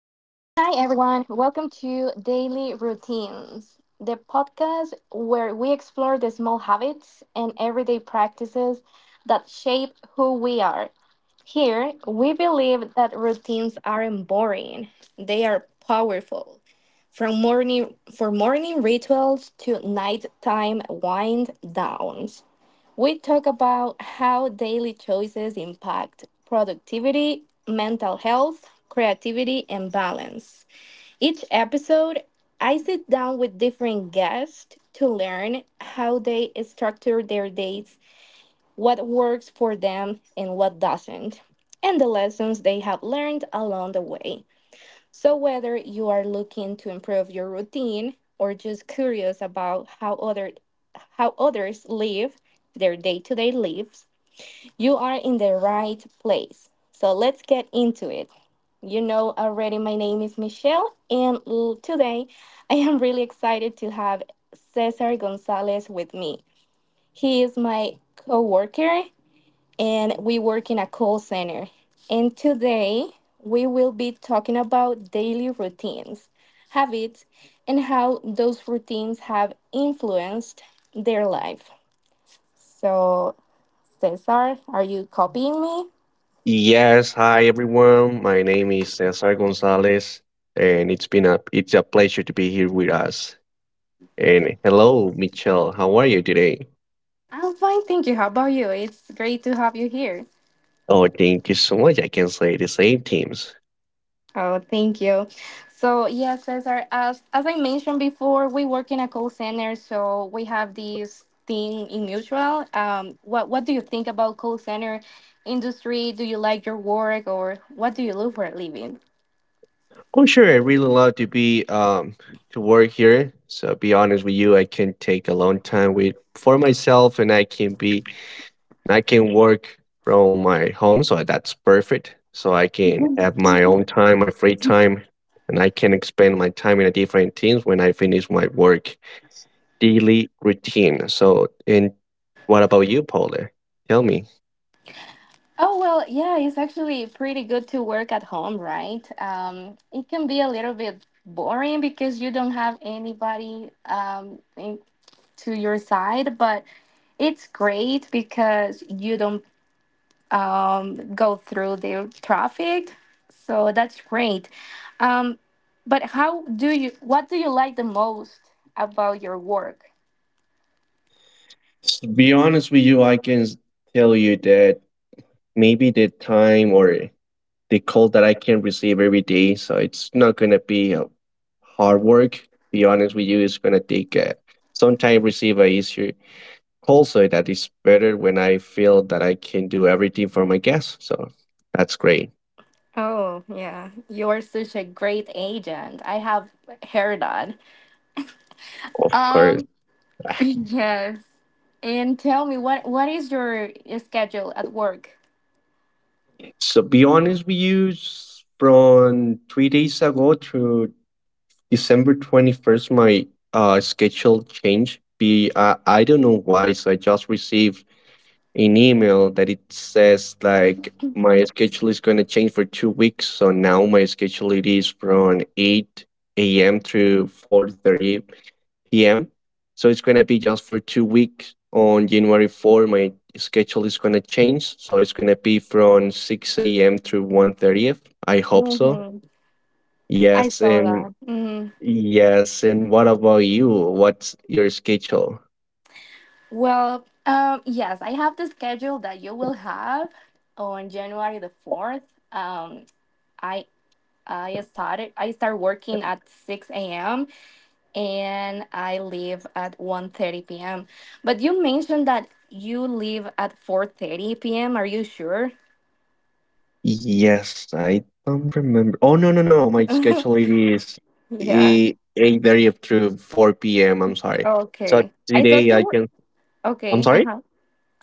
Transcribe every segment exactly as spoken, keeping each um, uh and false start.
Hi, everyone. Welcome to Daily Routines, the podcast where we explore the small habits and everyday practices that shape who we are. Here, we believe that routines aren't boring, they are powerful. From morning for morning rituals to nighttime wind downs. We talk about how daily choices impact productivity, mental health, creativity, and balance. Each episode, I sit down with different guests to learn how they structure their days, what works for them, and what doesn't, and the lessons they have learned along the way. So, whether you are looking to improve your routine or just curious about how, other, how others live, their day to day lives, you are in the right place. So let's get into it. You know already, my name is Michelle, and today I am really excited to have Cesar Gonzalez with me. He is my co worker, and we work in a call center. And today we will be talking about daily routines, habits, and how those routines have influenced their life. So, Cesar, are you copying me? Yes, hi everyone. My name is Cesar Gonzalez, and it's been a it's a pleasure to be here with us. And hello, Michelle. How are you today? I'm fine, thank you. How about you? It's great to have you here. Oh, thank you so much. I can say the same teams. Oh, thank you. So, yes, Cesar, as, as I mentioned before, we work in a call center, so we have this thing in mutual. Um, what, what do you think about call center industry? Do you like your work or what do you do for a living? Oh, sure. I really love to be um to work here. So be honest with you, I can take a long time with for myself, and I can be I can work from my home, so that's perfect. So I can have my own time, my free time, and I can expand my time in a different teams when I finish my work daily routine. So, and what about you, Paula? Tell me. Oh, well, yeah, it's actually pretty good to work at home, right? Um, it can be a little bit boring because you don't have anybody um, in, to your side, but it's great because you don't um, go through the traffic, so that's great. Um, but how do you? What do you like the most about your work? To be honest with you, I can s- tell you that maybe the time or the call that I can receive every day, so it's not gonna be a hard work. Be honest with you, it's gonna take uh, some time receive a issue also that is better when I feel that I can do everything for my guests. So that's great, Oh yeah, you are such a great agent. I have heard that. of course. Um, yes. And tell me what what is your schedule at work? So be honest, we use from three days ago to December twenty-first. My uh, schedule changed. Be uh, I don't know why. So I just received an email that it says like my schedule is going to change for two weeks. So now my schedule it is from eight a m to four thirty p m. So it's gonna be just for two weeks. On January fourth, my schedule is gonna change. So it's gonna be from six a m to one thirty. I hope so. Mm-hmm. I Yes, saw and that. Mm-hmm. yes, and what about you? What's your schedule? Well, um, yes, I have the schedule that you will have on January the fourth. Um, I I started I start working at six a m and I leave at one thirty p m. But you mentioned that you leave at four thirty p m. Are you sure? Yes, I don't remember. Oh, no, no, no, no. My schedule it is Yeah. e, eight thirty through four p m. I'm sorry. So Okay. I thought today you I were. can. I'm Okay. Uh sorry. huh.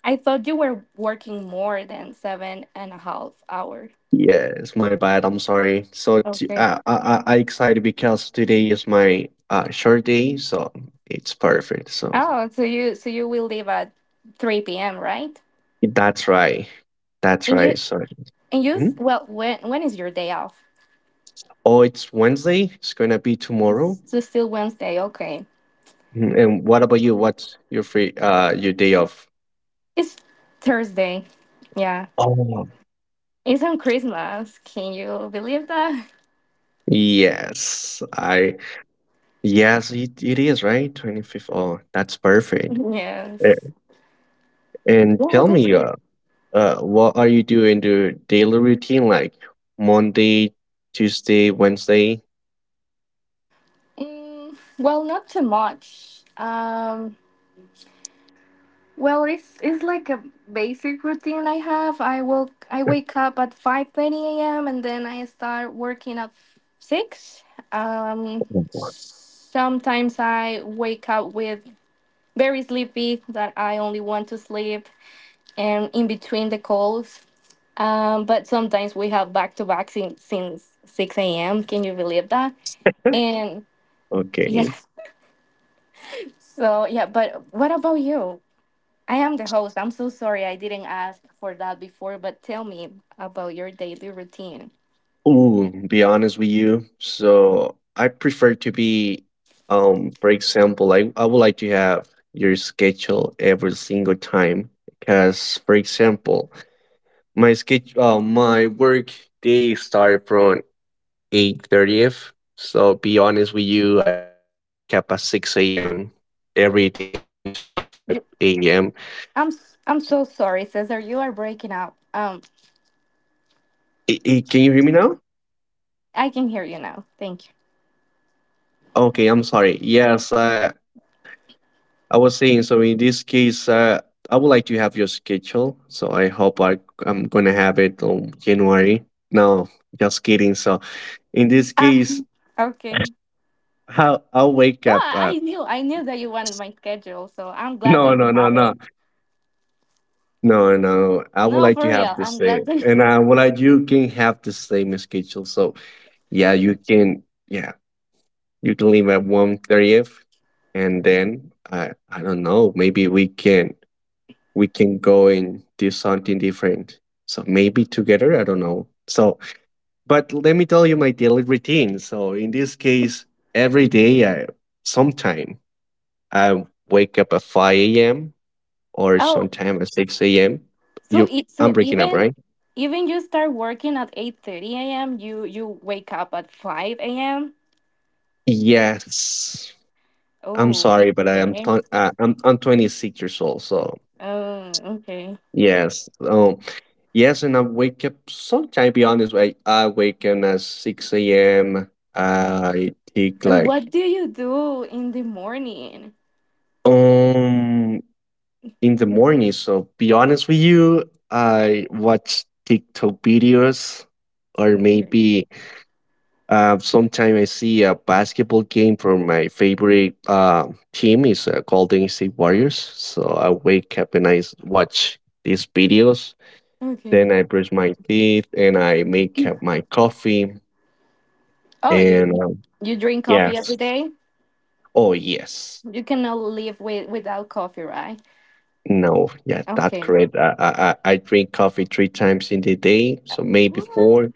I thought you were working more than seven and a half hours. Yes, my bad. I'm sorry. So t- Okay. uh, I I I excited because today is my uh short day, so it's perfect. So Oh, so you so you will leave at three p m, right? that's right. That's And right. you So and you mhm. Well, when when is your day off? Oh, it's Wednesday. It's gonna be tomorrow. It's so still Wednesday. Okay. Mhm. And what about you? What's your free uh your day off? It's Thursday. Yeah. Oh. It's on Christmas. Can you believe that? Yes, I yes, it, it is right. twenty-fifth. Oh, that's perfect. A- Yes. And Yeah, tell that's me, good. uh, Uh, what are you doing your daily routine like Monday, Tuesday, Wednesday? Mm, well, not too much. Um Well, it's it's like a basic routine I have. I woke I wake up at five thirty a m and then I start working at six. Um, sometimes I wake up with very sleepy that I only want to sleep, and in between the calls. Um, but sometimes we have back to back since since six a m. Can you believe that? And Okay. yes, so yeah. But what about you? I am the host. I'm so sorry I didn't ask for that before, but tell me about your daily routine. Ooh, be honest with you. So I prefer to be, um, for example, I, I would like to have your schedule every single time. Because, for example, my schedule, uh, my work day start from eight thirtieth. So be honest with you, I wake up at six a m every day. Sometime at five You, a m I'm s- I'm so sorry, Cesar. You are breaking up. Um, can you hear me now? I can hear you now. Thank you. Okay, I'm sorry. Yes, I I was saying. So in this case, uh, I would like to have your schedule. So I hope I I'm gonna have it on January. No, just kidding. So in this Ah, case, okay. how I'll wake No, up I at. I knew I knew that you wanted my schedule, so I'm glad No, that you no, no, have no. it. No, no. I would No, like for to have real, the I'm same, glad that. and I You... would like you can have the same schedule. So yeah, you can. Yeah, you can leave at one thirtieth, and then I I don't know. Maybe we can we can go and do something different. So maybe together. I don't know. So, but let me tell you my daily routine. So in this case, every day, I sometime I wake up at five a m or Oh, sometime at six a m. so You, it, I'm so breaking up, even right? even you start working at eight thirty a m. You you wake up at five a m. Yes. I'm Oh, sorry, but I am okay. t- uh, I'm I'm twenty-six years old, so Oh, okay. yes. Um, yes, and I wake up sometime. Be honest, I I wake up at six a m. I take And like What do you do in the morning? um in the morning. So be honest with you, I watch TikTok videos or Okay. maybe Uh, sometimes I see a basketball game from my favorite uh, team is uh, Golden State Warriors. So I wake up and I s- watch these videos. Okay. Then I brush my teeth and I make up my coffee. Oh, you And you um, you drink coffee yes, every day? oh yes, You cannot live with without coffee, right? no, yeah, that's Okay. correct. I, I I I drink coffee three times in the day, so maybe What? four.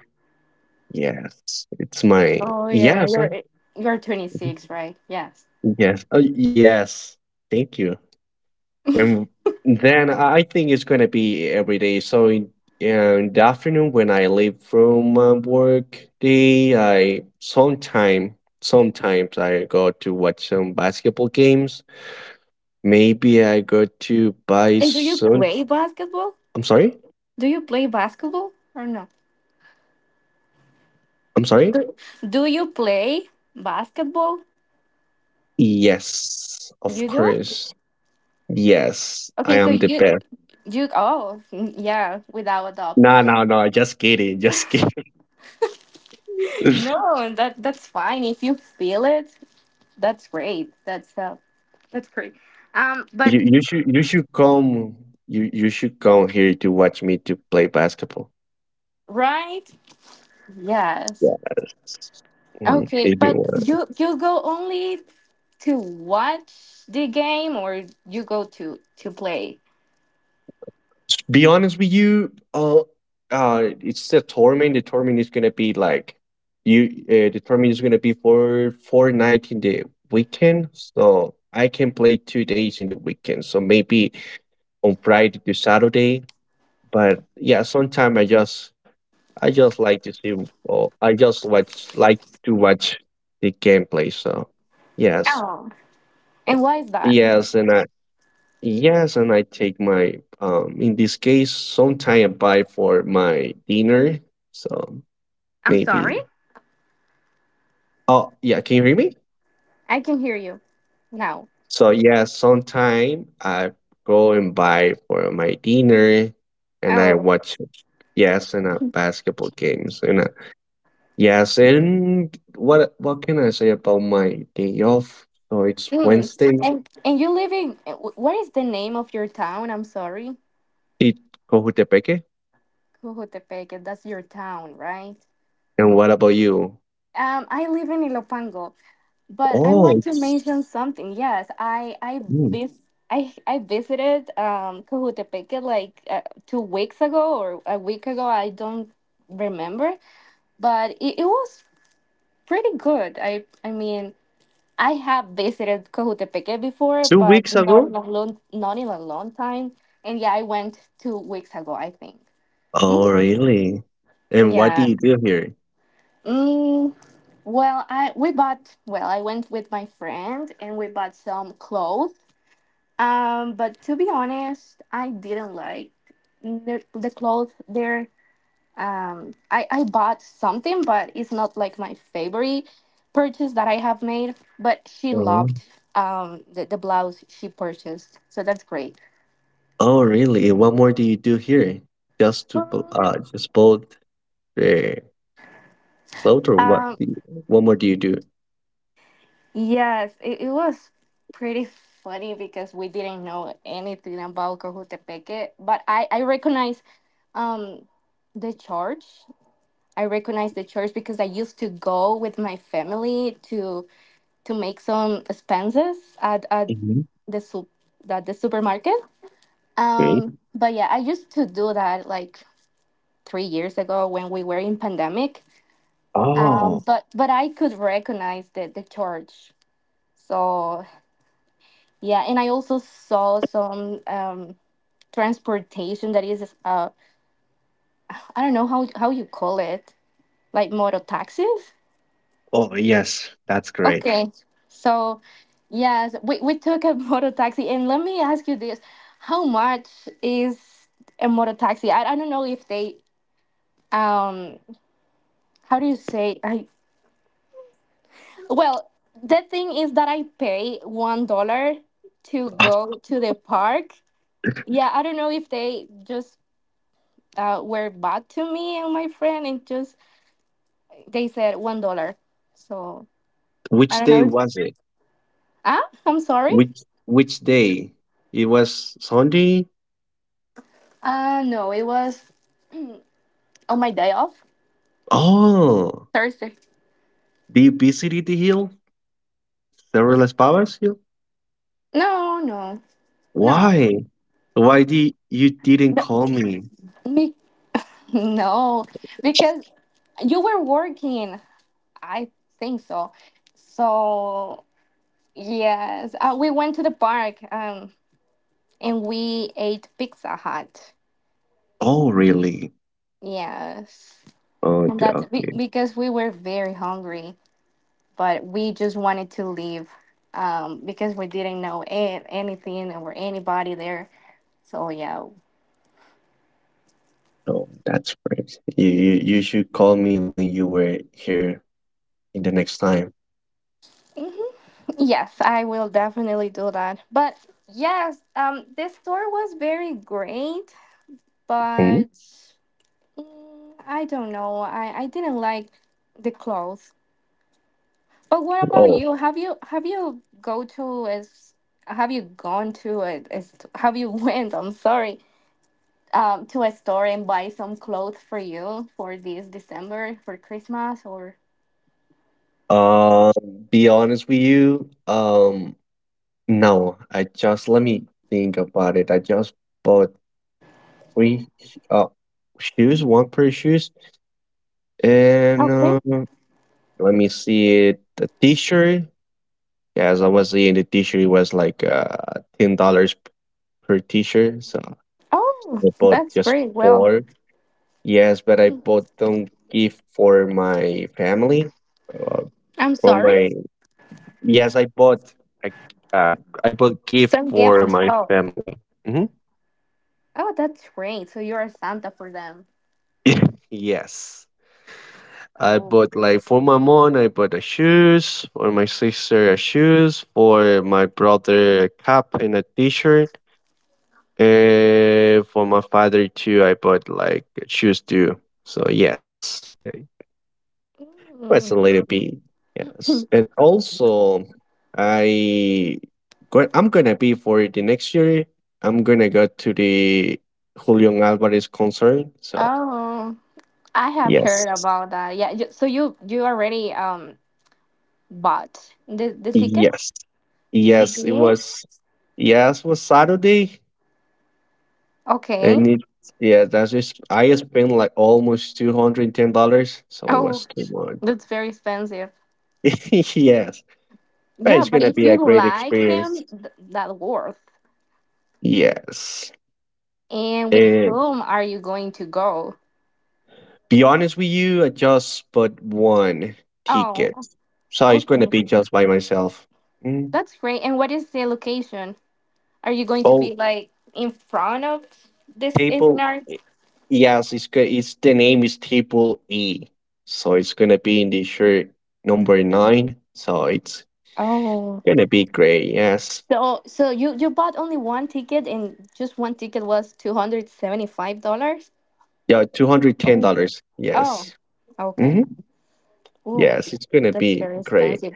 Yes, it's my Oh yeah, yes, I, you're eh, you're twenty-six, right? Yes. yes, uh, yes. Thank you. And then I think it's gonna be every day. So in, in the afternoon when I leave from uh, work day, I sometime sometimes I go to watch some basketball games. Maybe I go to buy And do you some. play basketball? I'm sorry. Do you play basketball or no? I'm sorry. Do, do you play basketball? Yes, of You do? course. Yes, I Okay, so am the you best. you oh yeah, without a doubt. No, no, no. Just kidding. Just kidding. you No, that that's fine if you feel it. That's great. That's uh, that's great. Um, but you should you should come. You you should come here to watch me to play basketball. right? Yes, Yes. Mhm. okay. It'd be But worse. you you go only to watch the game, or you go to to play? Be honest with you, uh, uh, it's the tournament. The tournament is gonna be like, you. Uh, the tournament is gonna be for four night in the weekend. So I can play two days in the weekend. So maybe on Friday to Saturday. But yeah, sometime I just I just like to see or I just watch like to watch the gameplay. So yes, Oh, and why is that? yes, and I Yes, and I take my um in this case sometime I buy for my dinner. So I'm sorry. maybe oh yeah, can you hear me? I can hear you now. So yeah, sometime I go and buy for my dinner and I Oh, watch, yes, and a basketball games and uh yes, and what what can I say about my day off? So it's mm. Wednesday. and and you live in wh- what is the name of your town? I'm sorry, It Cojutepeque. Jujutepec. That's your town, right? And what about you? Um, I live in Ilopango. But I Oh, want to it's mention something. Yes, I I mm, vis I I visited um Cojutepeque like uh, two weeks ago or a week ago. I don't remember, but it, it was pretty good. I I mean I have visited Cojutepeque before, two but weeks not ago? in a long not in a long time. And yeah, I went two weeks ago, I think. Oh, Mhm. really? And what do Yeah. you do here? Mm, well, I we bought well, I went with my friend and we bought some clothes. Um, but to be honest, I didn't like the, the clothes there. Um, I, I bought something, but it's not like my favorite purchase that I have made. But she Oh, loved um, the, the blouse she purchased, so that's great. oh, really? And what more do you do here? Just to bo- Mm. uh, just both the float or what? Um, Do you, what more do you do? yes, it, it was pretty funny because we didn't know anything about Cojutepeque, but I, I recognize um, the charge I recognize the church because I used to go with my family to to make some expenses at, at Mhm. the sup- at the supermarket. Um, Great. But yeah, I used to do that like three years ago when we were in pandemic. Um, Oh, but but I could recognize the the church. So yeah, and I also saw some um, transportation that is uh, I don't know how how you call it like motor taxis. oh yes, that's great. Okay, so yes, we, we took a motor taxi, and let me ask you this: How much is a motor taxi? I, I don't know if they um how do you say I well the thing is that I pay one dollar to Ah, go to the park. Yeah, I don't know if they just uh, were bad to me and my friend, and just they said one dollar. So I Which don't day know. If, was it? ah, I'm sorry. Which which day? It was Sunday. Uh no, it was on my day off. Oh, Thursday. did you visited the hill, Cerro Las Pavas hill. No, no, no, Why? Why did you didn't no, call me? me, no, because you were working. I think so. So yes, uh, we went to the park, um, and we ate Pizza Hut. Oh, really? Yes, Oh, and okay, that's be- okay. because we were very hungry, but we just wanted to leave, um, because we didn't know a- anything or anybody there. So yeah. Oh, that's great. You, you you should call me when you were here in the next time. Yes, I will definitely do that. But yes, um, this store was very great, Hmm? but mm, I don't know. I, I didn't like the clothes. But what about Oh, you? Have you have you go to a, s- have you gone to a, a st- have you went, I'm sorry, um, to a store and buy some clothes for you for this December for Christmas or um, be honest with you. Um, no, I just let me think about it. I just bought three sh- uh shoes, one pair of shoes, and okay. um, let me see it. The t-shirt. Yeah, as I was saying, the t-shirt it was like uh ten dollars per t-shirt. So Oh, I bought that's just very well. four. Yes, but I bought some gift for my family. Uh, I'm for sorry. my yes, I bought a, uh, I bought gift Some gift. for my family. Hmm. Oh, that's great. So you're a Santa for them. Yes, I Oh. bought like for my mom. I bought a shoes for my sister, a shoes for my brother, a cap and a t-shirt. And for my father too, I bought like shoes too. So yes, uh, well, it's a Mm. little bit, yes. And also, I go, I'm gonna be for the next year. I'm gonna go to the Julian Alvarez concert. So Oh, I have yes, heard about that. Yeah, you, so you you already um bought the the tickets? yes, You yes. It did? was yes, it was Saturday, Okay. and it yeah. That's just I spent like almost two hundred and ten dollars. So it was Oh, too much. that's very expensive. yes, but Yeah, it's but gonna if be you a great like experience. him, th that worth. Yes. And with whom are you going to go? Be honest with you, I just bought one ticket, Oh, so it's going to okay. be just by myself. Mm. That's great. And what is the location? Are you going to Oh, be like in front of this table. scenario? E- Yes, it's go- it's the name is table E, so it's going to be in the shirt number nine. So it's Oh. going to be great. Yes. So, so you you bought only one ticket, and just one ticket was two hundred seventy five dollars. Yeah, two hundred ten Oh, dollars. oh, Yes. Hmm. okay. Ooh, Yes, it's going to that's be very great. expensive.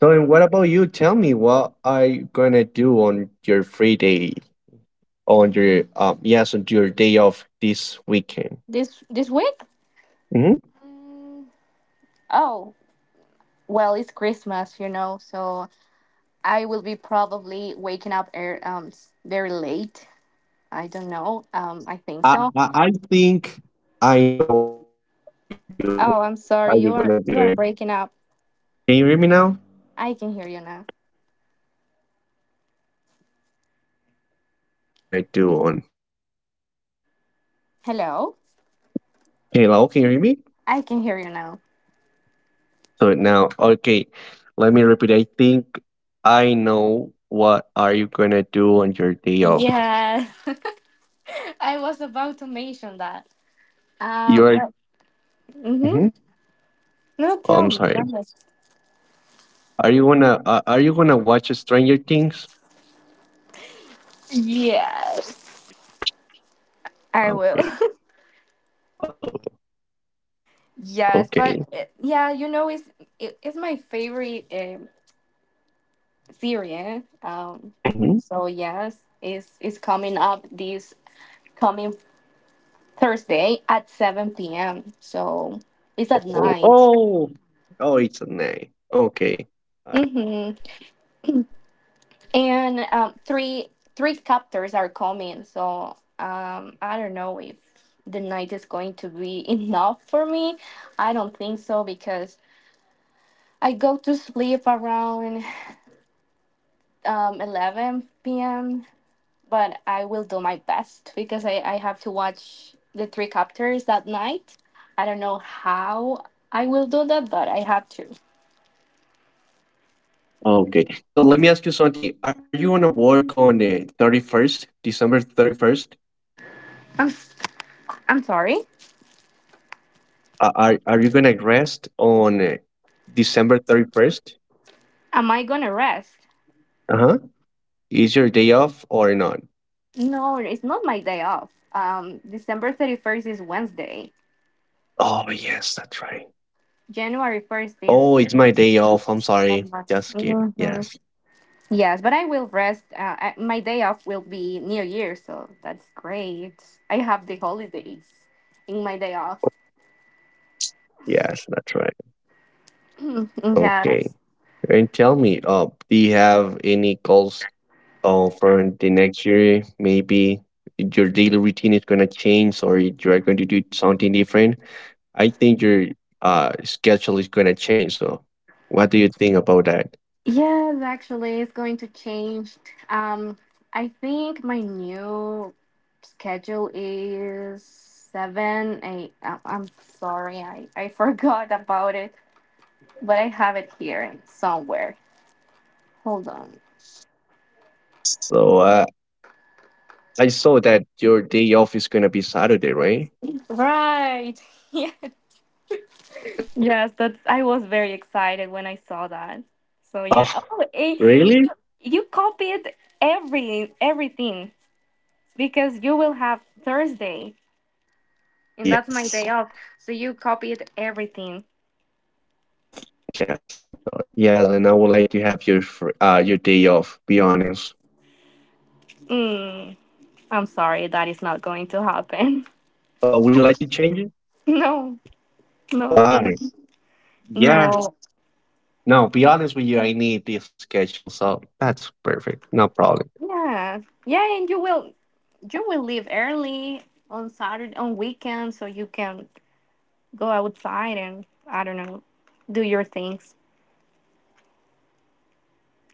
So, and what about you? Tell me what are you going to do on your free day, on your um yes, on your day off this weekend? This this week? Mhm. Mm, oh, well, it's Christmas, you know, so I will be probably waking up er, um s- very late. I don't know. Um, I think I, so. I i think i know what are you do what Oh, I'm are sorry. you You gonna are do. you are breaking up. Can you hear me now? I can hear you now. Okay, i think i know what are you gonna do on your day off. Hello. Hello, can you hear me? I can hear you now. So now, okay, let me repeat. I think i know what are you gonna do on your day off. Yeah, I was about to mention that. Um, You're but, mm-hmm. Mhm. No, Oh, tell i'm me. Tell sorry. me. Are you gonna uh, are you gonna watch Stranger Things? Yes, I will. Okay. Oh, Yes, okay. but uh, yeah, you know, it's it, it's my favorite um series. Um, hmm. So yes, it's it's coming up this coming Thursday at seven p m. So it's at Oh, night. oh, oh, it's a name. Okay, I got it. Mm-hmm. And um, three three captors are coming, so um, I don't know if the night is going to be enough for me. I don't think so because I go to sleep around um, eleven p m. But I will do my best because I, I have to watch the three captors that night. I don't know how I will do that, but I have to. Okay, so let me ask you something. Are, are you gonna work on the thirty-first, December thirty-first? I'm s- I'm sorry. Uh, are are you gonna rest on uh, December thirty-first? Am I gonna rest? Uh huh. Is your day off or not? No, it's not my day off. Um, December thirty-first is Wednesday. Oh yes, that's right. January first Oh, is it's my day off. I'm sorry. December. Just kidding. Mhm. Yes, Yes, but I will rest. Uh, I, my day off will be New Year, so that's great. I have the holidays in my day off. yes, that's right. Okay. Yes. And tell me, uh, do you have any goals or for the next year? Maybe your daily routine is going to change, or you're going to do something different. I think your uh, schedule is going to change. So what do you think about that? Yes, actually, it's going to change. Um, I think my new schedule is seven eight. I I'm sorry, I, I forgot about it. But I have it here somewhere. Hold on. So uh, I saw that your day off is going to be Saturday, right? Right. Yeah. yes, that's I was very excited when I saw that. So Oh, yeah. Oh, eh, really? you copied every everything because you will have Thursday and that's my day Yes, off. So you copied everything. yes, I thought yes, and I would like to have your fr- uh, your day off, be honest. Mm, I'm sorry that is not going to happen. Oh, would you like to change it? No. No, Why? thank you. Yeah, No. no, be honest with you, I need this schedule, so that's perfect. No problem. Yeah. Yeah, and you will you will leave early on Saturday on weekends so you can go outside and I don't know, do your things.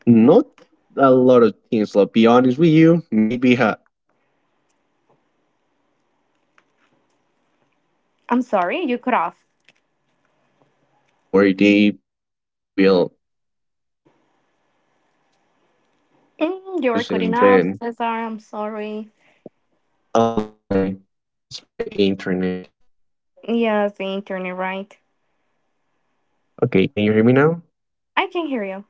Not a lot of things, like be honest with you. Maybe uh, I will wake up at five a m, then I just, I'm sorry, you cut at off. the end of my uh, work day, maybe I will like almost sleep like one or two Mm, you hours were and cutting then, off, Cesar. I'm sorry. oh, I'm sorry. It's my internet. Yes, the internet, right? Okay, can you hear me now? I can hear you.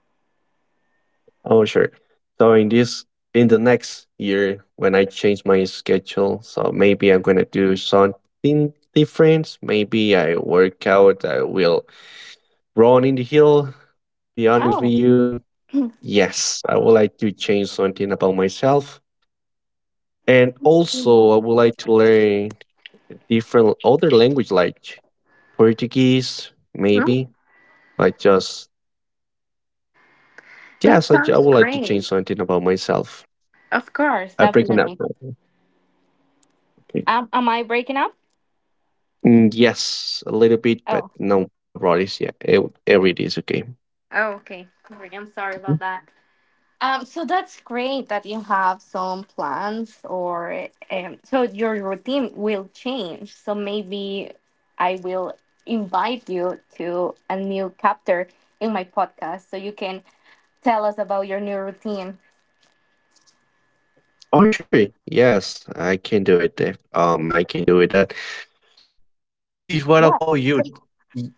Oh, sure. So in this, in the next year, when I change my schedule, so maybe I'm gonna do something different. Maybe I work out. I will run in the hill. Be honest with Oh, you. Yes, I would like to change something about myself, and that's really also well. I would like to learn different other language like Portuguese, Mm, maybe. So I just that yes, I, ju- I sounds would like to change great. something about myself. Of course, I breaking up definitely. now. Okay. Um, am I breaking up? Mm, yes, a little bit, Oh. but no, no worries. Yeah, it, every day is okay. Oh, okay. Sorry, I'm sorry about Mhm. that. Um, so that's great that you have some plans, or um, so your routine will change. So maybe I will invite you to a new chapter in my podcast so you can tell us about your new routine. Oh, sure. Yes, I can do it, Dave. Um, I can do it. That. So in this case, what Yeah. about you? So, Y-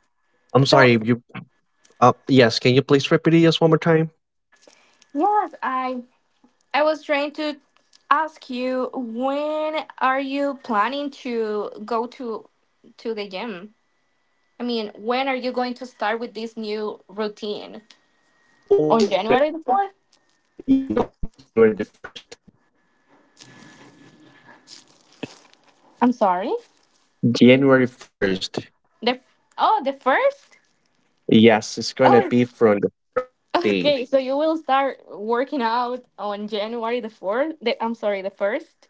I'm so sorry. You. Uh, yes. Can you please repeat it just one more time? yes, I I was trying to ask you when are you planning to go to to the gym? I mean, when are you going to start with this new routine? Oh, On it's gonna. January the fourth? You know, January the first. I'm sorry. January first. The Oh, the first? Yes, it's gonna Oh, be from the first day. okay. So you will start working out on January the fourth? The, I'm sorry, the first?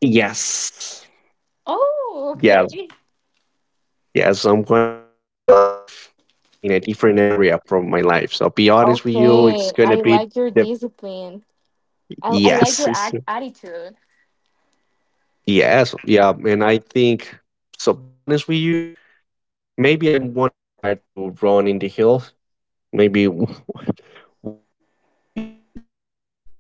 Yes. Oh, Yeah. okay. Yeah. Yes. I'm gonna change my life in a different area from my life. So be honest with you, it's Okay. gonna I be like your the discipline. I, I like yes. your It's, act- attitude. yes. Yeah. And I think, so be honest with you, maybe I wanna start to run in the hills. Maybe one or three days in the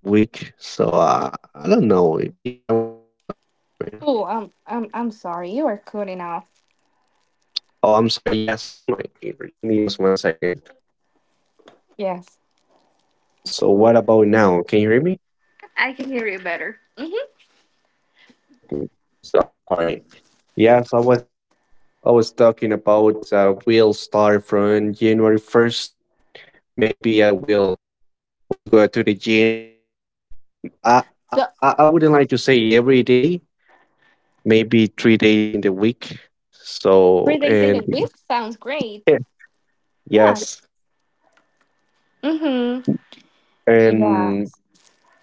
week. So uh, I don't know. Maybe I wanna do something different. Oh, I'm, I'm, I'm sorry. You are cutting off. Oh, I'm sorry, yes, it's my give me just one second. Yes. So what about now? Can you hear me? I can hear you better. hmm Okay, so I'm sorry. Yes, I was I was talking about uh, will start from January first. Maybe I will I will go to the gym. I, I So, I I wouldn't like to say every day. Maybe three days in the week. three So days in and the week sounds great. yeah, Yeah. yes, Mm-hmm. Yeah. and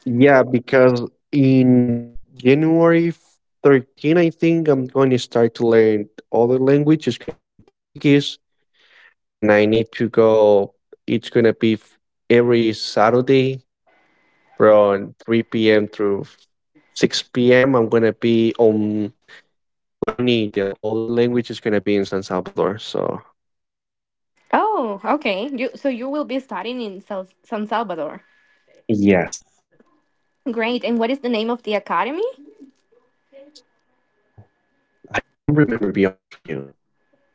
yeah, because in January thirteen, I think I'm going to start to learn other language. It's gonna be Portuguese. And I need to go. It's gonna be f- every Saturday from three p m through six p m. I'm gonna be on learning the other language. Is gonna be in San Salvador. So Oh, okay. You so you will be studying in Sal- San Salvador. yes. Great. And what is the name of the academy? Oh, I don't remember. Be honest with you.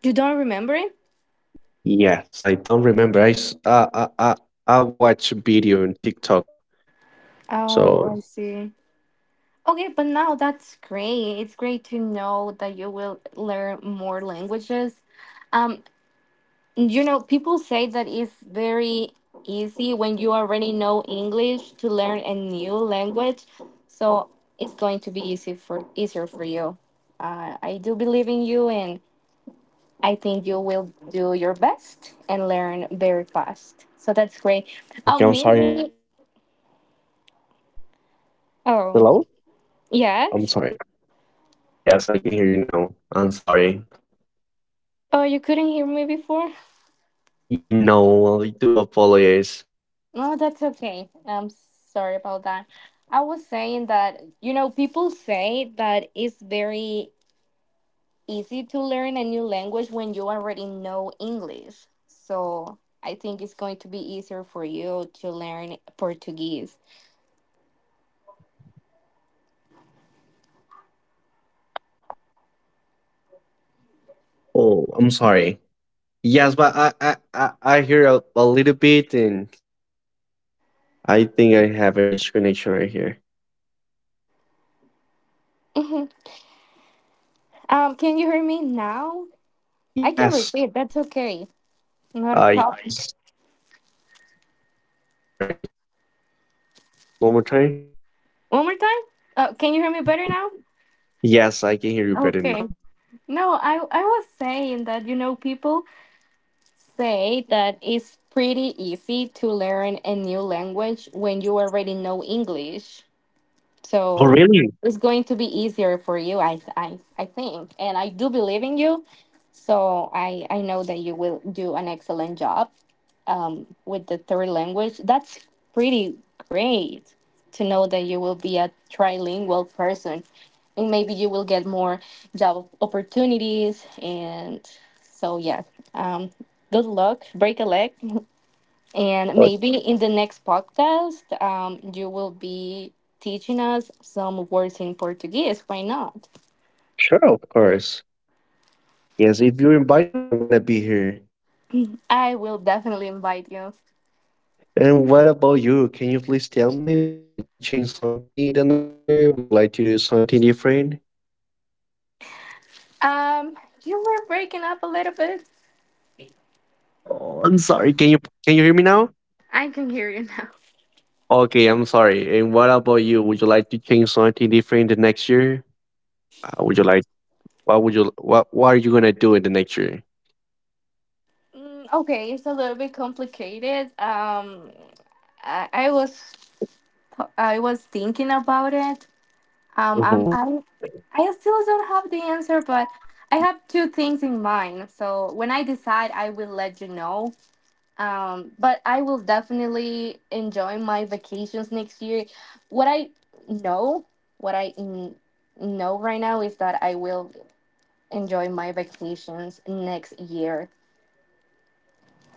You don't remember it? Yes, I don't remember. I s- I I I, I watch video on TikTok. So Oh, I see. Okay, but now that's great. It's great to know that you will learn more languages. Um, you know, people say that it's very easy when you already know English to learn a new language. So it's going to be easy for easier for you. Uh, I do believe in you, and I think you will do your best and learn very fast. So oh, that's great. thank you. I'm sorry. You, Amazing. I think it's my internet. Oh, Hello. I'm yes. sorry. Yes, I can hear you now. I'm sorry. Oh, you couldn't hear me before? E- No, I do apologize. No, that's okay. I'm sorry about that. I was saying that, you know, people say that it's very easy to learn a new language when you already know English. So I think it's going to be easier for you to learn Portuguese. Oh, I'm sorry. Yes, but I I I I hear a, a little bit, and I think I have a disconnection right here. Mhm. Um, can you hear me now? I can Yes. repeat. That's okay. Not a Uh, problem. yes. I'm sorry, Michelle. Yes, can you please repeat it just one more time? One more time? Uh, can you hear me better now? Yes, I can hear you better Okay. now. No, I, I was saying that, you know, people say that it's pretty easy to learn a new language when you already know English. Oh, So really? it's going to be easier for you, I I I think, and I do believe in you. So I I know that you will do an excellent job um, with the third language. That's pretty great to know that you will be a trilingual person, and maybe you will get more job opportunities. And so yeah, um, good luck. Break a leg, and Oh, maybe in the next podcast, um, you will be teaching us some words in Portuguese. Why not? sure, of course. Yes, if you're inviting me, I'm gonna be here. I will definitely invite you. And what about you? Can you please tell me? Would you like to change something the next year? Would you like to do something different? Um, you were breaking up a little bit. Oh, I'm sorry. Can you can you hear me now? I can hear you now. Okay, I'm sorry. And what about you? Would you like to change something different the next year? Uh, would you like? What would you? What What are you gonna do in the next year? Mm, okay, it's a little bit complicated. Um, I, I was I was thinking about it. Um, I'm, Hmm. I I still don't have the answer, but I have two things in mind. So when I decide, I will let you know. Um, but I will definitely enjoy my vacations next year. What I know, what I n- know right now is that I will enjoy my vacations next year.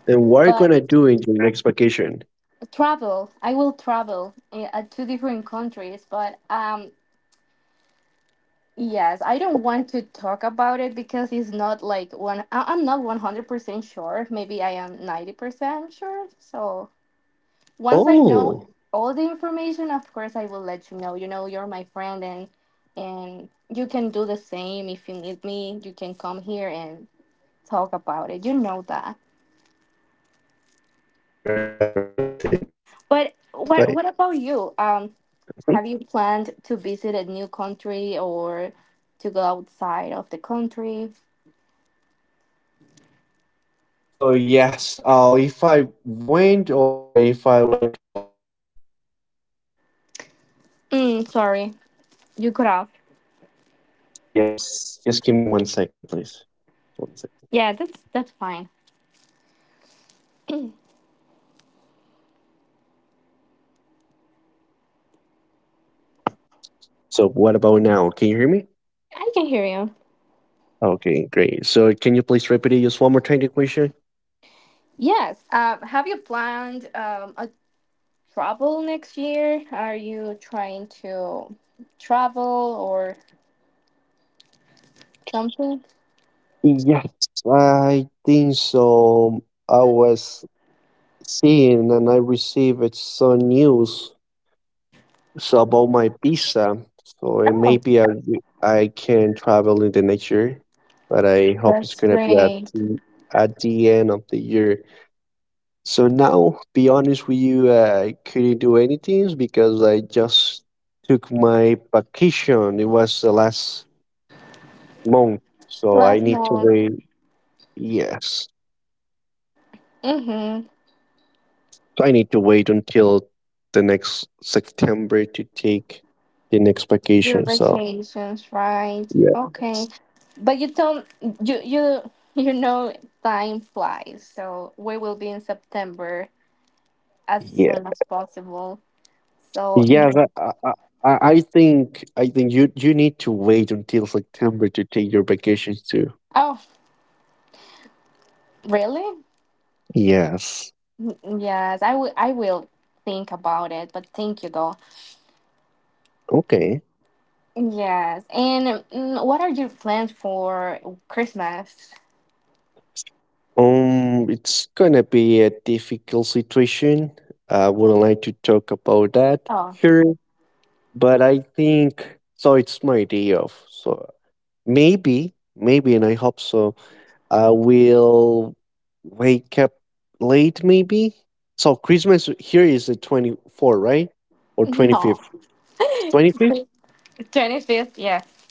And what are you But gonna do in your next vacation? travel, I will travel I- at two different countries. But um, yes, I don't want to talk about it because it's not like one. I- I'm not one hundred percent sure. Maybe I am ninety percent sure. So once I know Oh, all the information, of course I will let you know. You know, you're my friend and and you can do the same if you need me. You can come here and talk about it. You know that. right. Thought I totally understand. But Yes, what I. what about you? Um, Mhm. have you planned to visit a new country or to go outside of the country? So yes, uh, if I went or if I would like to go, I'm sorry. Mm, sorry, you cut off. Yes, just give me one second, please. One second. Yeah, that's that's fine. So what about now? Can you hear me? I can hear you. Okay, great. So can you please repeat it just one more time, the question? Yes. Uh, have you planned um, a travel next year? Are you trying to travel or something? Yes, I think so. I was seeing and I received some news so about my visa. So uh, Oh, maybe I, I can travel in the next year, but I hope it's that's gonna be at great. the, at the end of the year. So now, be honest with you, uh, I couldn't do anything because I just took my vacation. It was the last month, so I Last need to month. wait. Yes, Mm-hmm. so I need to wait until the next September to take the next Your vacation. So vacations, right? yeah, Okay. But you don't you you you know time flies, so we will be in September as yeah, soon as possible. So yeah. yeah. That, I, I, I I think I think you you need to wait until September to take your vacations too. Oh, really? Yes. Mm, yes, I will I will think about it, but thank you though. Okay. Yes. And mm, what are your plans for Christmas? Um, it's gonna be a difficult situation. I wouldn't like to talk about that Oh, here, but I think so. It's my day off, so maybe, maybe, and I hope so. I will wake up late, maybe. So Christmas here is the twenty four, right, or twenty no. fifth? Twenty fifth? twenty-fifth, yes.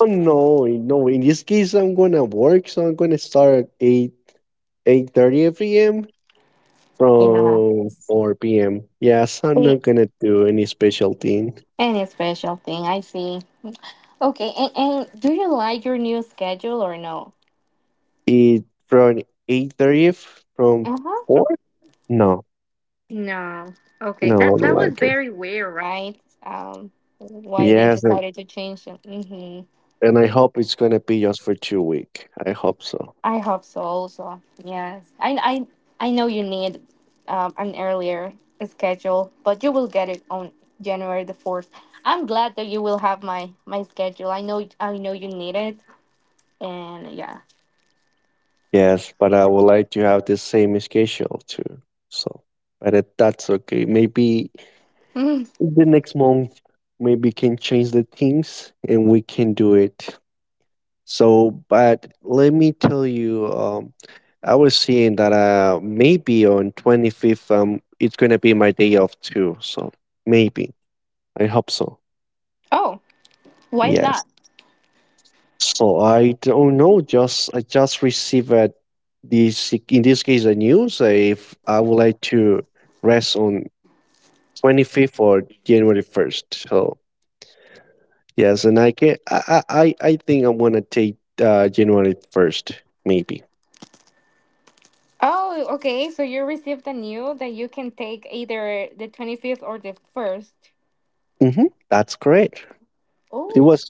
Oh no, no. In this case, I'm gonna work, so I'm gonna start at eight eight thirty p m Yeah. from four p m. Yes, I'm A- not gonna do any special thing. Any special thing, I see. Okay, and, and do you like your new schedule or no? Eat from eight thirty from Uh-huh. four? No, No. Okay, no, that I don't that was like it. very weird, right? Um, why they Yes, and, decided to change it. Mm-hmm. and I hope it's gonna be just for two week. I hope so. I hope so also. Yes. I I I know you need um, an earlier schedule, but you will get it on January the fourth. I'm glad that you will have my my schedule. I know I know you need it and yeah. Yes, but I would like to have the same schedule too. So, but it, that's okay. Maybe Mhm. the next month, maybe can change the things and we can do it. So, but let me tell you, um, I was seeing that uh, maybe on twenty fifth, um, it's going to be my day off too. So maybe I hope so. Oh, why is Yes. that? So I don't know. Just I just received a, this in this case a news, uh, if I would like to rest on twenty fifth or January first. So yes, and I can I I I I think I'm gonna take uh, January first maybe. Oh, okay. So you received a new that you can take either the twenty-fifth or the first. Mm-hmm. That's great. It Oh. was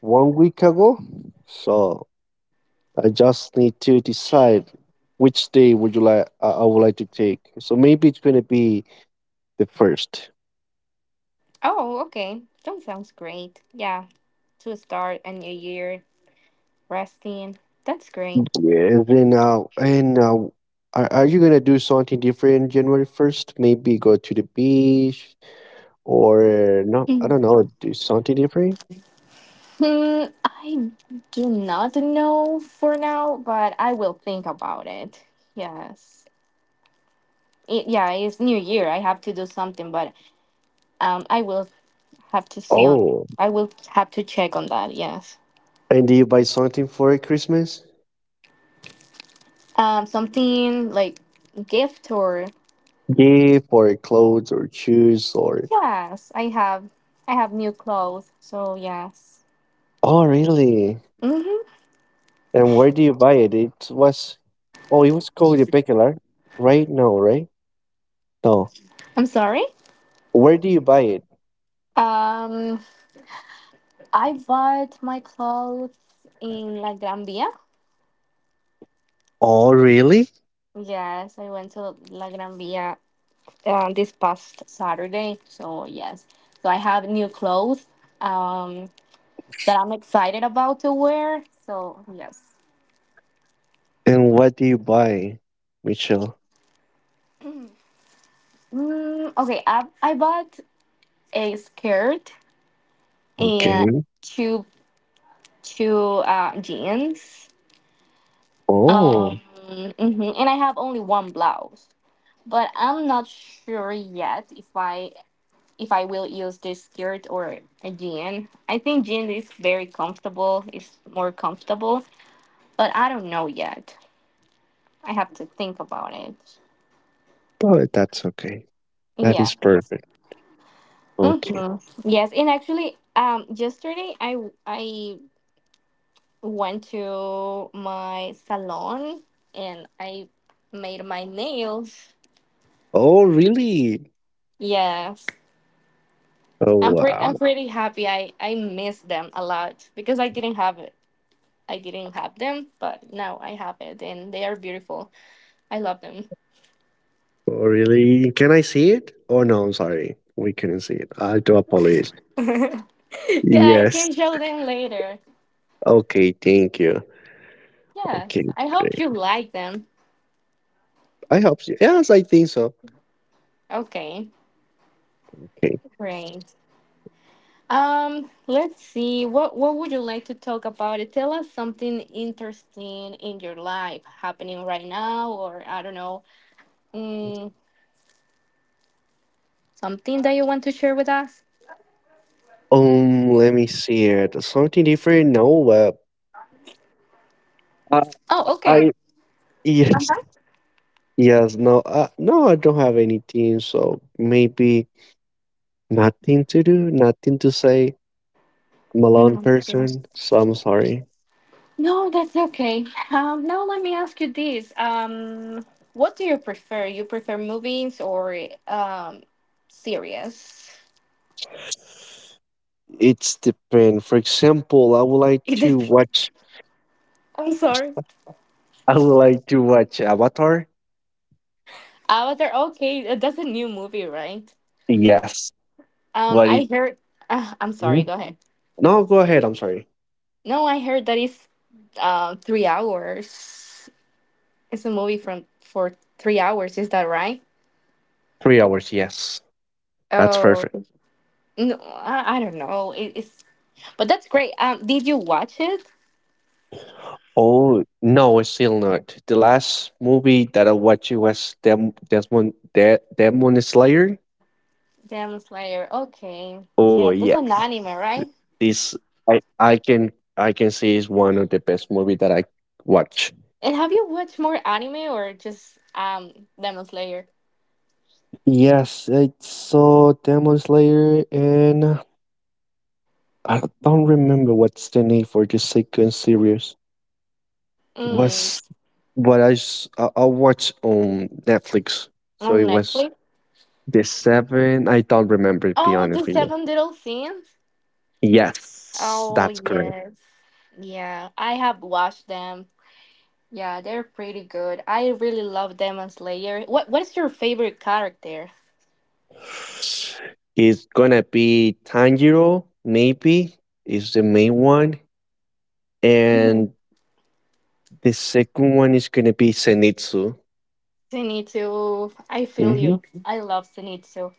one week ago. So I just need to decide which day would you like, I I would like to take. So maybe it's gonna be the first. Oh, okay. That sounds great. Yeah, to start a new year resting. That's great. Yeah. And then, uh, and uh, are are you gonna do something different January first? Maybe go to the beach or no? I don't know. Do something different. Hmm, I do not know for now, but I will think about it. Yes. It, yeah, it's New Year. I have to do something, but um, I will have to see on. Oh, I will have to check on that. Yes. and do you buy something for Christmas? Um, something like gift or Gift or clothes or shoes or? yes, I have. I have new clothes, so yes. Oh, really? Mm-hmm. And where do you buy it? It was, oh, it was called a peculiar, right? No, right? No. I'm sorry. Where do you buy it? Um, I bought my clothes in La Gran Via. Oh, really? Yes, I went to La Gran Via um, this past Saturday. So yes, so I have new clothes um, that I'm excited about to wear. So yes, And what do you buy, Michelle? mm, okay. I I bought a skirt and Okay. two two uh, jeans. Oh, Um, mhm, and I have only one blouse, but I'm not sure yet if I if I will use this skirt or a jean. I think jean is very comfortable. It's more comfortable but I don't know yet. I have to think about it. oh, that's okay. That Yeah. is perfect. Okay. hmm Yes, and actually, um, yesterday I w- I went to my salon and I made my nails. Oh, really? Yes, Oh, I'm pretty I'm wow. pretty happy. I I miss them a lot because I didn't have it. I didn't have them, but now I have it, and they are beautiful. I love them. Oh, really? Can I see it? Oh, no, I'm sorry. We couldn't see it. I do apologize. yeah, I Yes. can show them later. Okay, thank you. Okay, Yes, I hope great. you like them. I hope so. Yes, I think so. Okay, Okay. great. Um, let's see. What what would you like to talk about? It tell us something interesting in your life happening right now, or I don't know, mm, something that you want to share with us. Um, let me see it. Something different? No, uh, Oh, I, okay. I, yes. Uh-huh. Yes, no, uh, no, I don't have anything, so maybe nothing to do, nothing to say. Malone Mhm. person, so I'm sorry. No, that's okay. Um, now let me ask you this. Um, what do you prefer? You prefer movies or um series? It's depend. For example, I would like It to depends. watch. I'm sorry. I would like to watch Avatar. Avatar. Okay, uh, that's a new movie, right? Yes, Um, but it. I heard. Uh, I'm Hmm? sorry. Go ahead. No, go ahead. I'm sorry. No, I heard that it's uh, three hours. It's a movie from for three hours. Is that right? Three hours. Yes, that's Oh perfect. no, I, I don't know. It, it's but that's great. Um, did you watch it? Oh no, it's still not. The last movie that I watched it was Dem Desmond De Demon Slayer. Demon Slayer. Okay, yeah, Oh that's an yes, anime, it's, right? this I I can I can say is one of the best movie that I watch. And have you watched more anime or just um Demon Slayer? Yes, I saw Demon Slayer, and I don't remember what's the name for the second series. Mm, Was what I s- I I watched on Netflix. So on it was Netflix. the seven. I don't remember. To be Oh, honest the with you. Seven Little Sins. Yes, Oh that's correct. yes. Yeah, I have watched them. Yeah, they're pretty good. I really love them as Slayer. What What is your favorite character? It's gonna be Tanjiro. Maybe is the main one, Mm-hmm. and the second one is gonna be Zenitsu. Zenitsu. I feel Mhm. you. I love Zenitsu.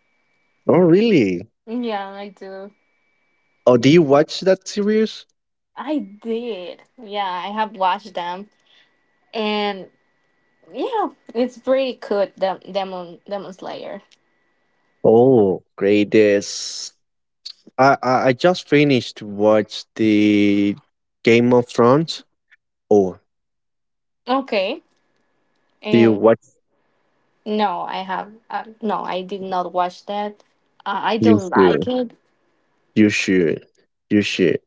Oh, really? Yeah, I do. Oh, do you watch that series? I did. Yeah, I have watched them, and yeah, it's pretty good. Dem- Demon Demon Slayer. Oh, great! This I, I I just finished to watch the Game of Thrones. Oh, Okay, do you and watch? no, I have uh, no, I did not watch that. Uh, I You don't like should. it. You should. You should.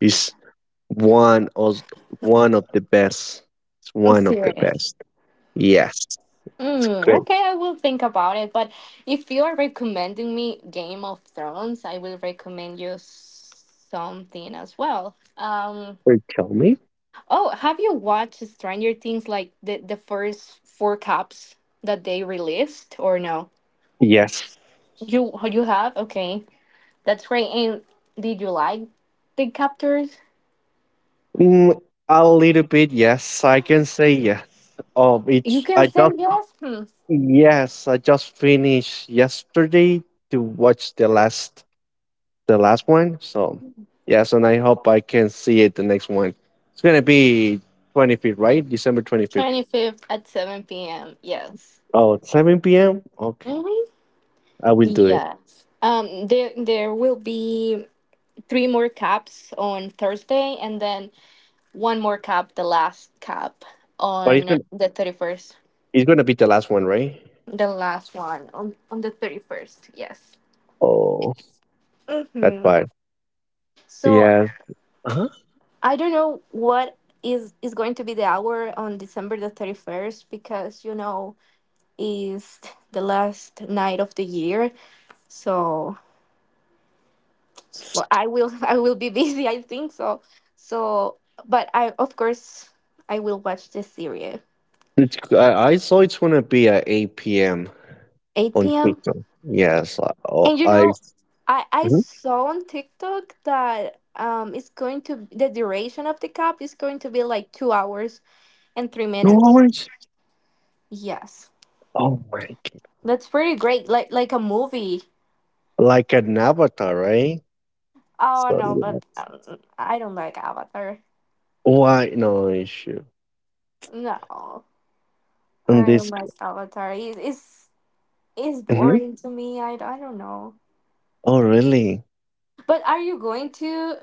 It's one of one of the best. It's I'm one of the serious. best. Yes, it's Mm, great. okay, I will think about it. But if you are recommending me Game of Thrones, I will recommend you s- something as well. Um, Wait, tell me. oh, have you watched Stranger Things, like the, the first four cups that they released, or no? Yes. You oh, you have? Okay, that's great. And did you like the captors? Mm, a little bit. Yes, I can say yes. Oh, You it's can I just send yours. Hmm. yes, I just finished yesterday to watch the last the last one. So yes, and I hope I can see it the next one. It's gonna be twenty fifth, right? December twenty fifth. twenty-fifth at seven p m. Yes. Oh, it's seven p.m. Okay, Mm-hmm. I will do it. Yes. Um, there there will be three more caps on Thursday and then one more cap, the last cap But it's on gonna, the thirty-first. it's gonna be the last one, right? The last one on, on the thirty-first, yes. Oh, that hmm part. So Yeah. Uh-huh. I don't know what is is going to be the hour on December the thirty-first because you know is the last night of the year. So s- well, I will I will be busy, I think so. So but I, of course, I will watch this series. It's, I, I saw it's gonna be at eight p.m. on eight p m. TikTok. Yes. I. Oh, And you I. know, I I Mhm. saw on TikTok that um it's going to, the duration of the cup is going to be like two hours and three Two minutes. hours. Yes, Oh my. that's pretty great. Like like a movie. Like an Avatar, right? Oh So, no, yeah. but um, I don't like Avatar. Why? No issue. No, On I don't this. like Avatar. It, it's it's Mhm. boring to me. I, I don't know. Oh, really? But are you going to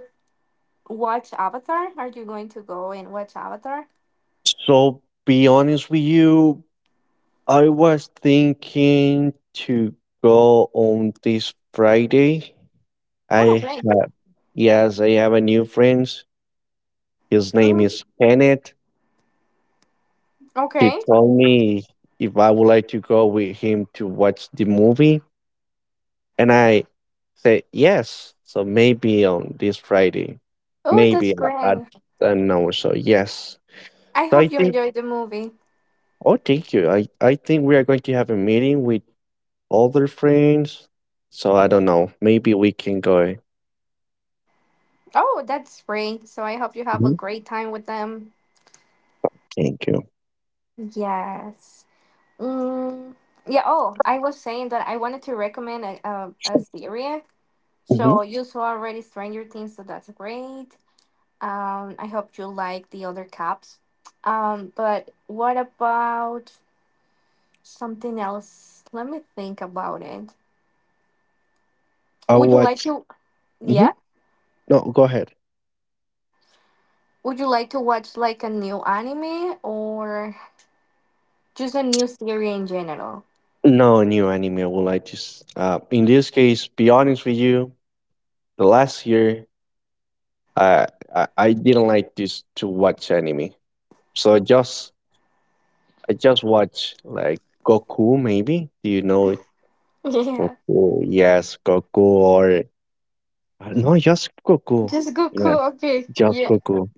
watch Avatar? Are you going to go and watch Avatar? So, be honest with you, I was thinking to go on this Friday. Oh, I okay. have, yes, I have a new friend. His name Mhm. is Kenneth. He Okay. told me if I would like to go with him to watch the movie. And I said, yes. So maybe on this Friday, Oh, maybe that's at great. an hour. So yes. I So I hope you think, enjoyed the movie. oh, thank you. I, I think we are going to have a meeting with other friends. So I don't know. Maybe we can go. Oh, that's great. So I hope you have a Mhm. great time with them. Thank you. Yes. Mm, yeah. Oh, I was saying that I wanted to recommend a, a, a series. Mm-hmm. So you saw already Stranger Things, so that's great. Um, I hope you like the other caps. Um, but what about something else? Let me think about it. I'll Would you like watch. to? Hmm. Yeah. No, go ahead. Would you like to watch like a new anime or? Choose a new theory in general. No new anime. I would like to. S- Uh, in this case, be honest with you. The last year, I I, I didn't like this to watch anime. So just I just watch like Goku, maybe. Do you know it? Yeah. Goku? Yes, Goku, or uh, no, just Goku. Just Goku, Yeah, okay. just Yeah. Goku.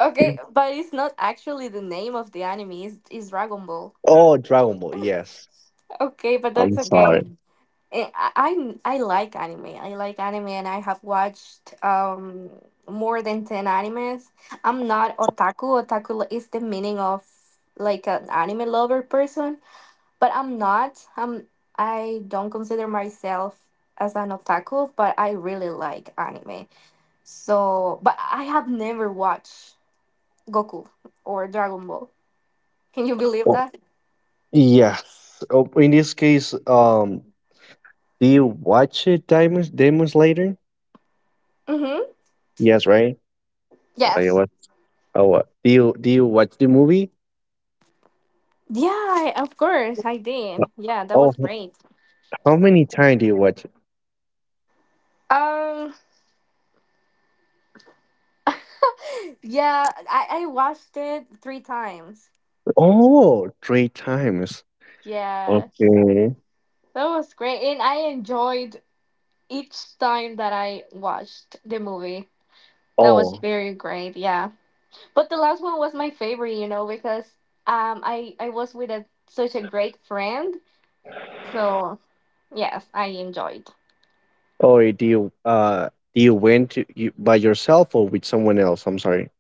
Okay, but it's not actually the name of the anime, it's, it's Dragon Ball. Oh, Dragon Ball. Yes. Okay, but that's I'm sorry. okay. Eh, I, I I like anime. I like anime and I have watched um more than ten animes. I'm not otaku. Otaku li- is the meaning of like an anime lover person, but I'm not. I'm I don't consider myself as an otaku, but I really like anime. So, but I have never watched Goku or Dragon Ball. Can you believe Oh, that? yes. Oh, in this case, um, do you watch it, Demon Demon Slayer? Mm-hmm. Yes, right. So I Yes. watch. Oh, what? Do you do you watch the movie? Yeah, I- of course I No. did. Yeah, that Oh, was h- great. how many times do you watch it? Um, yeah, I I watched it three times. Oh, three times. Yes, Okay. that was great, and I enjoyed each time that I watched the movie. That was Oh. very great. Yeah, but the last one was my favorite, you know, because um, I I was with a such a great friend, so. Yes, I enjoyed. Oh, do you uh do you went to you, by yourself or with someone else? I'm sorry.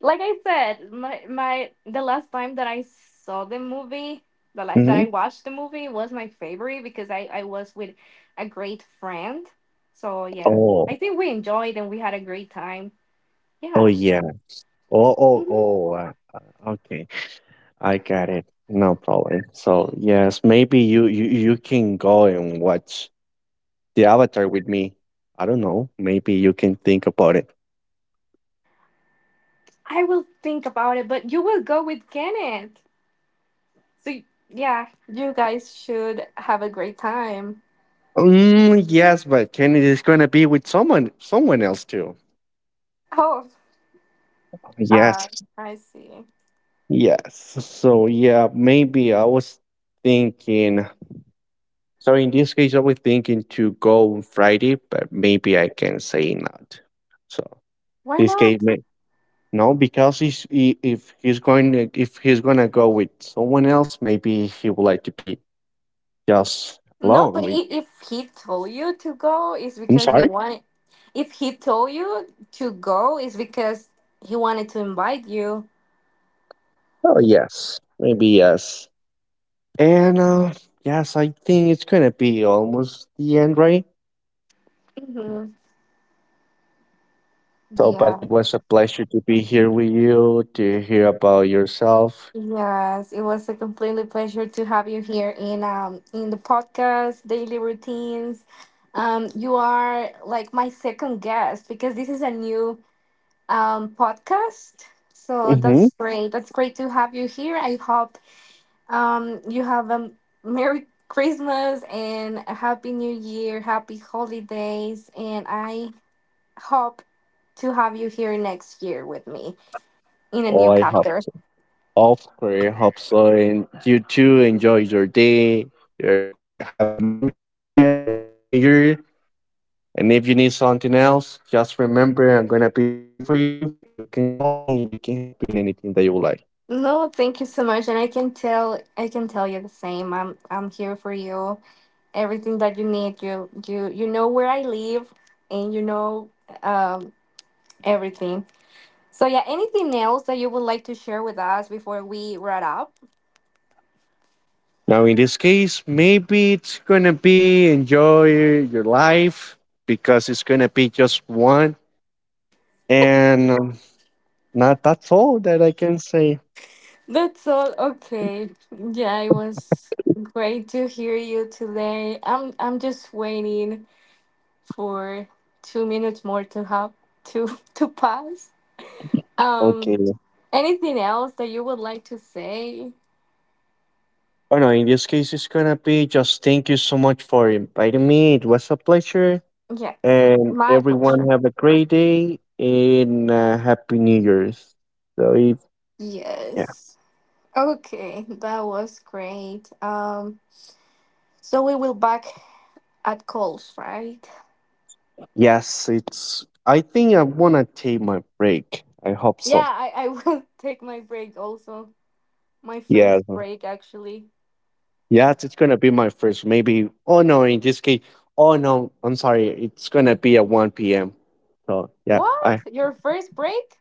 Like I said, my my the last time that I saw the movie, the la- that Hmm. I watched the movie was my favorite because I I was with a great friend. So yeah, Oh, I think we enjoyed and we had a great time. oh Yeah, yeah. Oh, oh, hmm oh. Uh, uh, okay, I got it. No problem. So yes, maybe you you you can go and watch the Avatar with me. I don't know. Maybe you can think about it. I will think about it, but you will go with Kenneth. So y- yeah, you guys should have a great time. Mm, yes, but Kenny is gonna be with someone someone else too. Oh, uh, Yes. I see. Yes. So yeah, maybe I was thinking. So in this case, I was thinking to go on Friday, but maybe I can say not. So Why this case, not? may, no, because he's, he, if he's going if he's gonna go with someone else, maybe he would like to be just No, alone. but With. I if he told you to go, it's I'm because he sorry. wanted. If he told you to go, it's because he wanted to invite you. Oh yes, maybe yes. And uh, yes, I think it's gonna be almost the end, right? Hmm So, but Yeah. it was a pleasure to be here with you to hear about yourself. Yes, it was a completely pleasure to have you here in um in the podcast Daily Routines. Um, you are like my second guest because this is a new um podcast. So Mm-hmm. that's great. That's great to have you here. I hope. Um, you have a Merry Christmas and a Happy New Year, Happy Holidays, and I hope to have you here next year with me in a Oh, new I hope. chapter. Of course, hope so. And you too, enjoy your day. Your, have a Merry Christmas and New Year. And if you need something else, just remember I'm going to be here for you. You can call me. We can help you in anything that you would like. No, thank you so much, and I can tell I can tell you the same. I'm I'm here for you. Everything that you need, you you you know where I live, and you know um everything. So yeah, anything else that you would like to share with us before we wrap up? Now, in this case, maybe it's going to be enjoy your life because it's going to be just one. And um, not that's all that I can say. That's all. Okay. Yeah, it was great to hear you today. I'm I'm just waiting for two minutes more to have to to pass. Okay. Um, anything else that you would like to say? Oh no, in this case, it's gonna be just thank you so much for inviting me. It was a pleasure. Yes, And my everyone pleasure. have a great day and uh, happy New Year's. So it, yeah, Yes. Okay, that was great. Um, so we will back at calls, right? yes, it's. I think I wanna take my break. I hope Yeah, so. I I will take my break also. My Yeah. first break actually. Yeah, it's gonna be my first. Maybe. Oh no, in this case. Oh no, I'm sorry. It's gonna be at one p.m. So yeah, What? I. Your first break?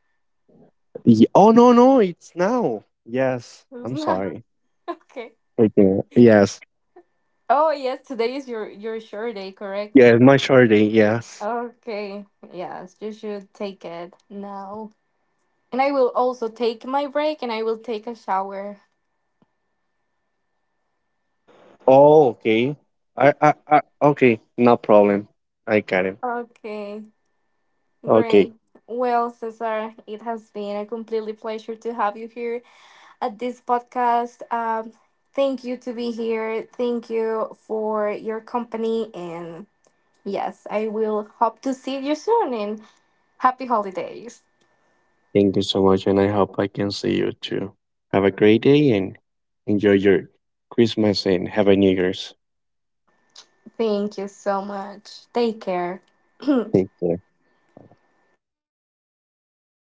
ye- Oh no, no, it's now. Yes, It's I'm not sorry. okay. Okay. Yes. Oh yes, today is your your sure day, correct? Yeah, my short day. Yes. Okay. Yes, you should take it now. And I will also take my break and I will take a shower. Oh, okay. I, I, I. Okay, no problem. I got it. Okay, Okay. great. Well, Cesar, it has been a completely pleasure to have you here at this podcast. Um, thank you to be here. Thank you for your company, and yes, I will hope to see you soon and Happy holidays. Thank you so much, and I hope I can see you too. Have a great day and enjoy your Christmas and have a New Year's. Thank you so much. Take care. Thank you.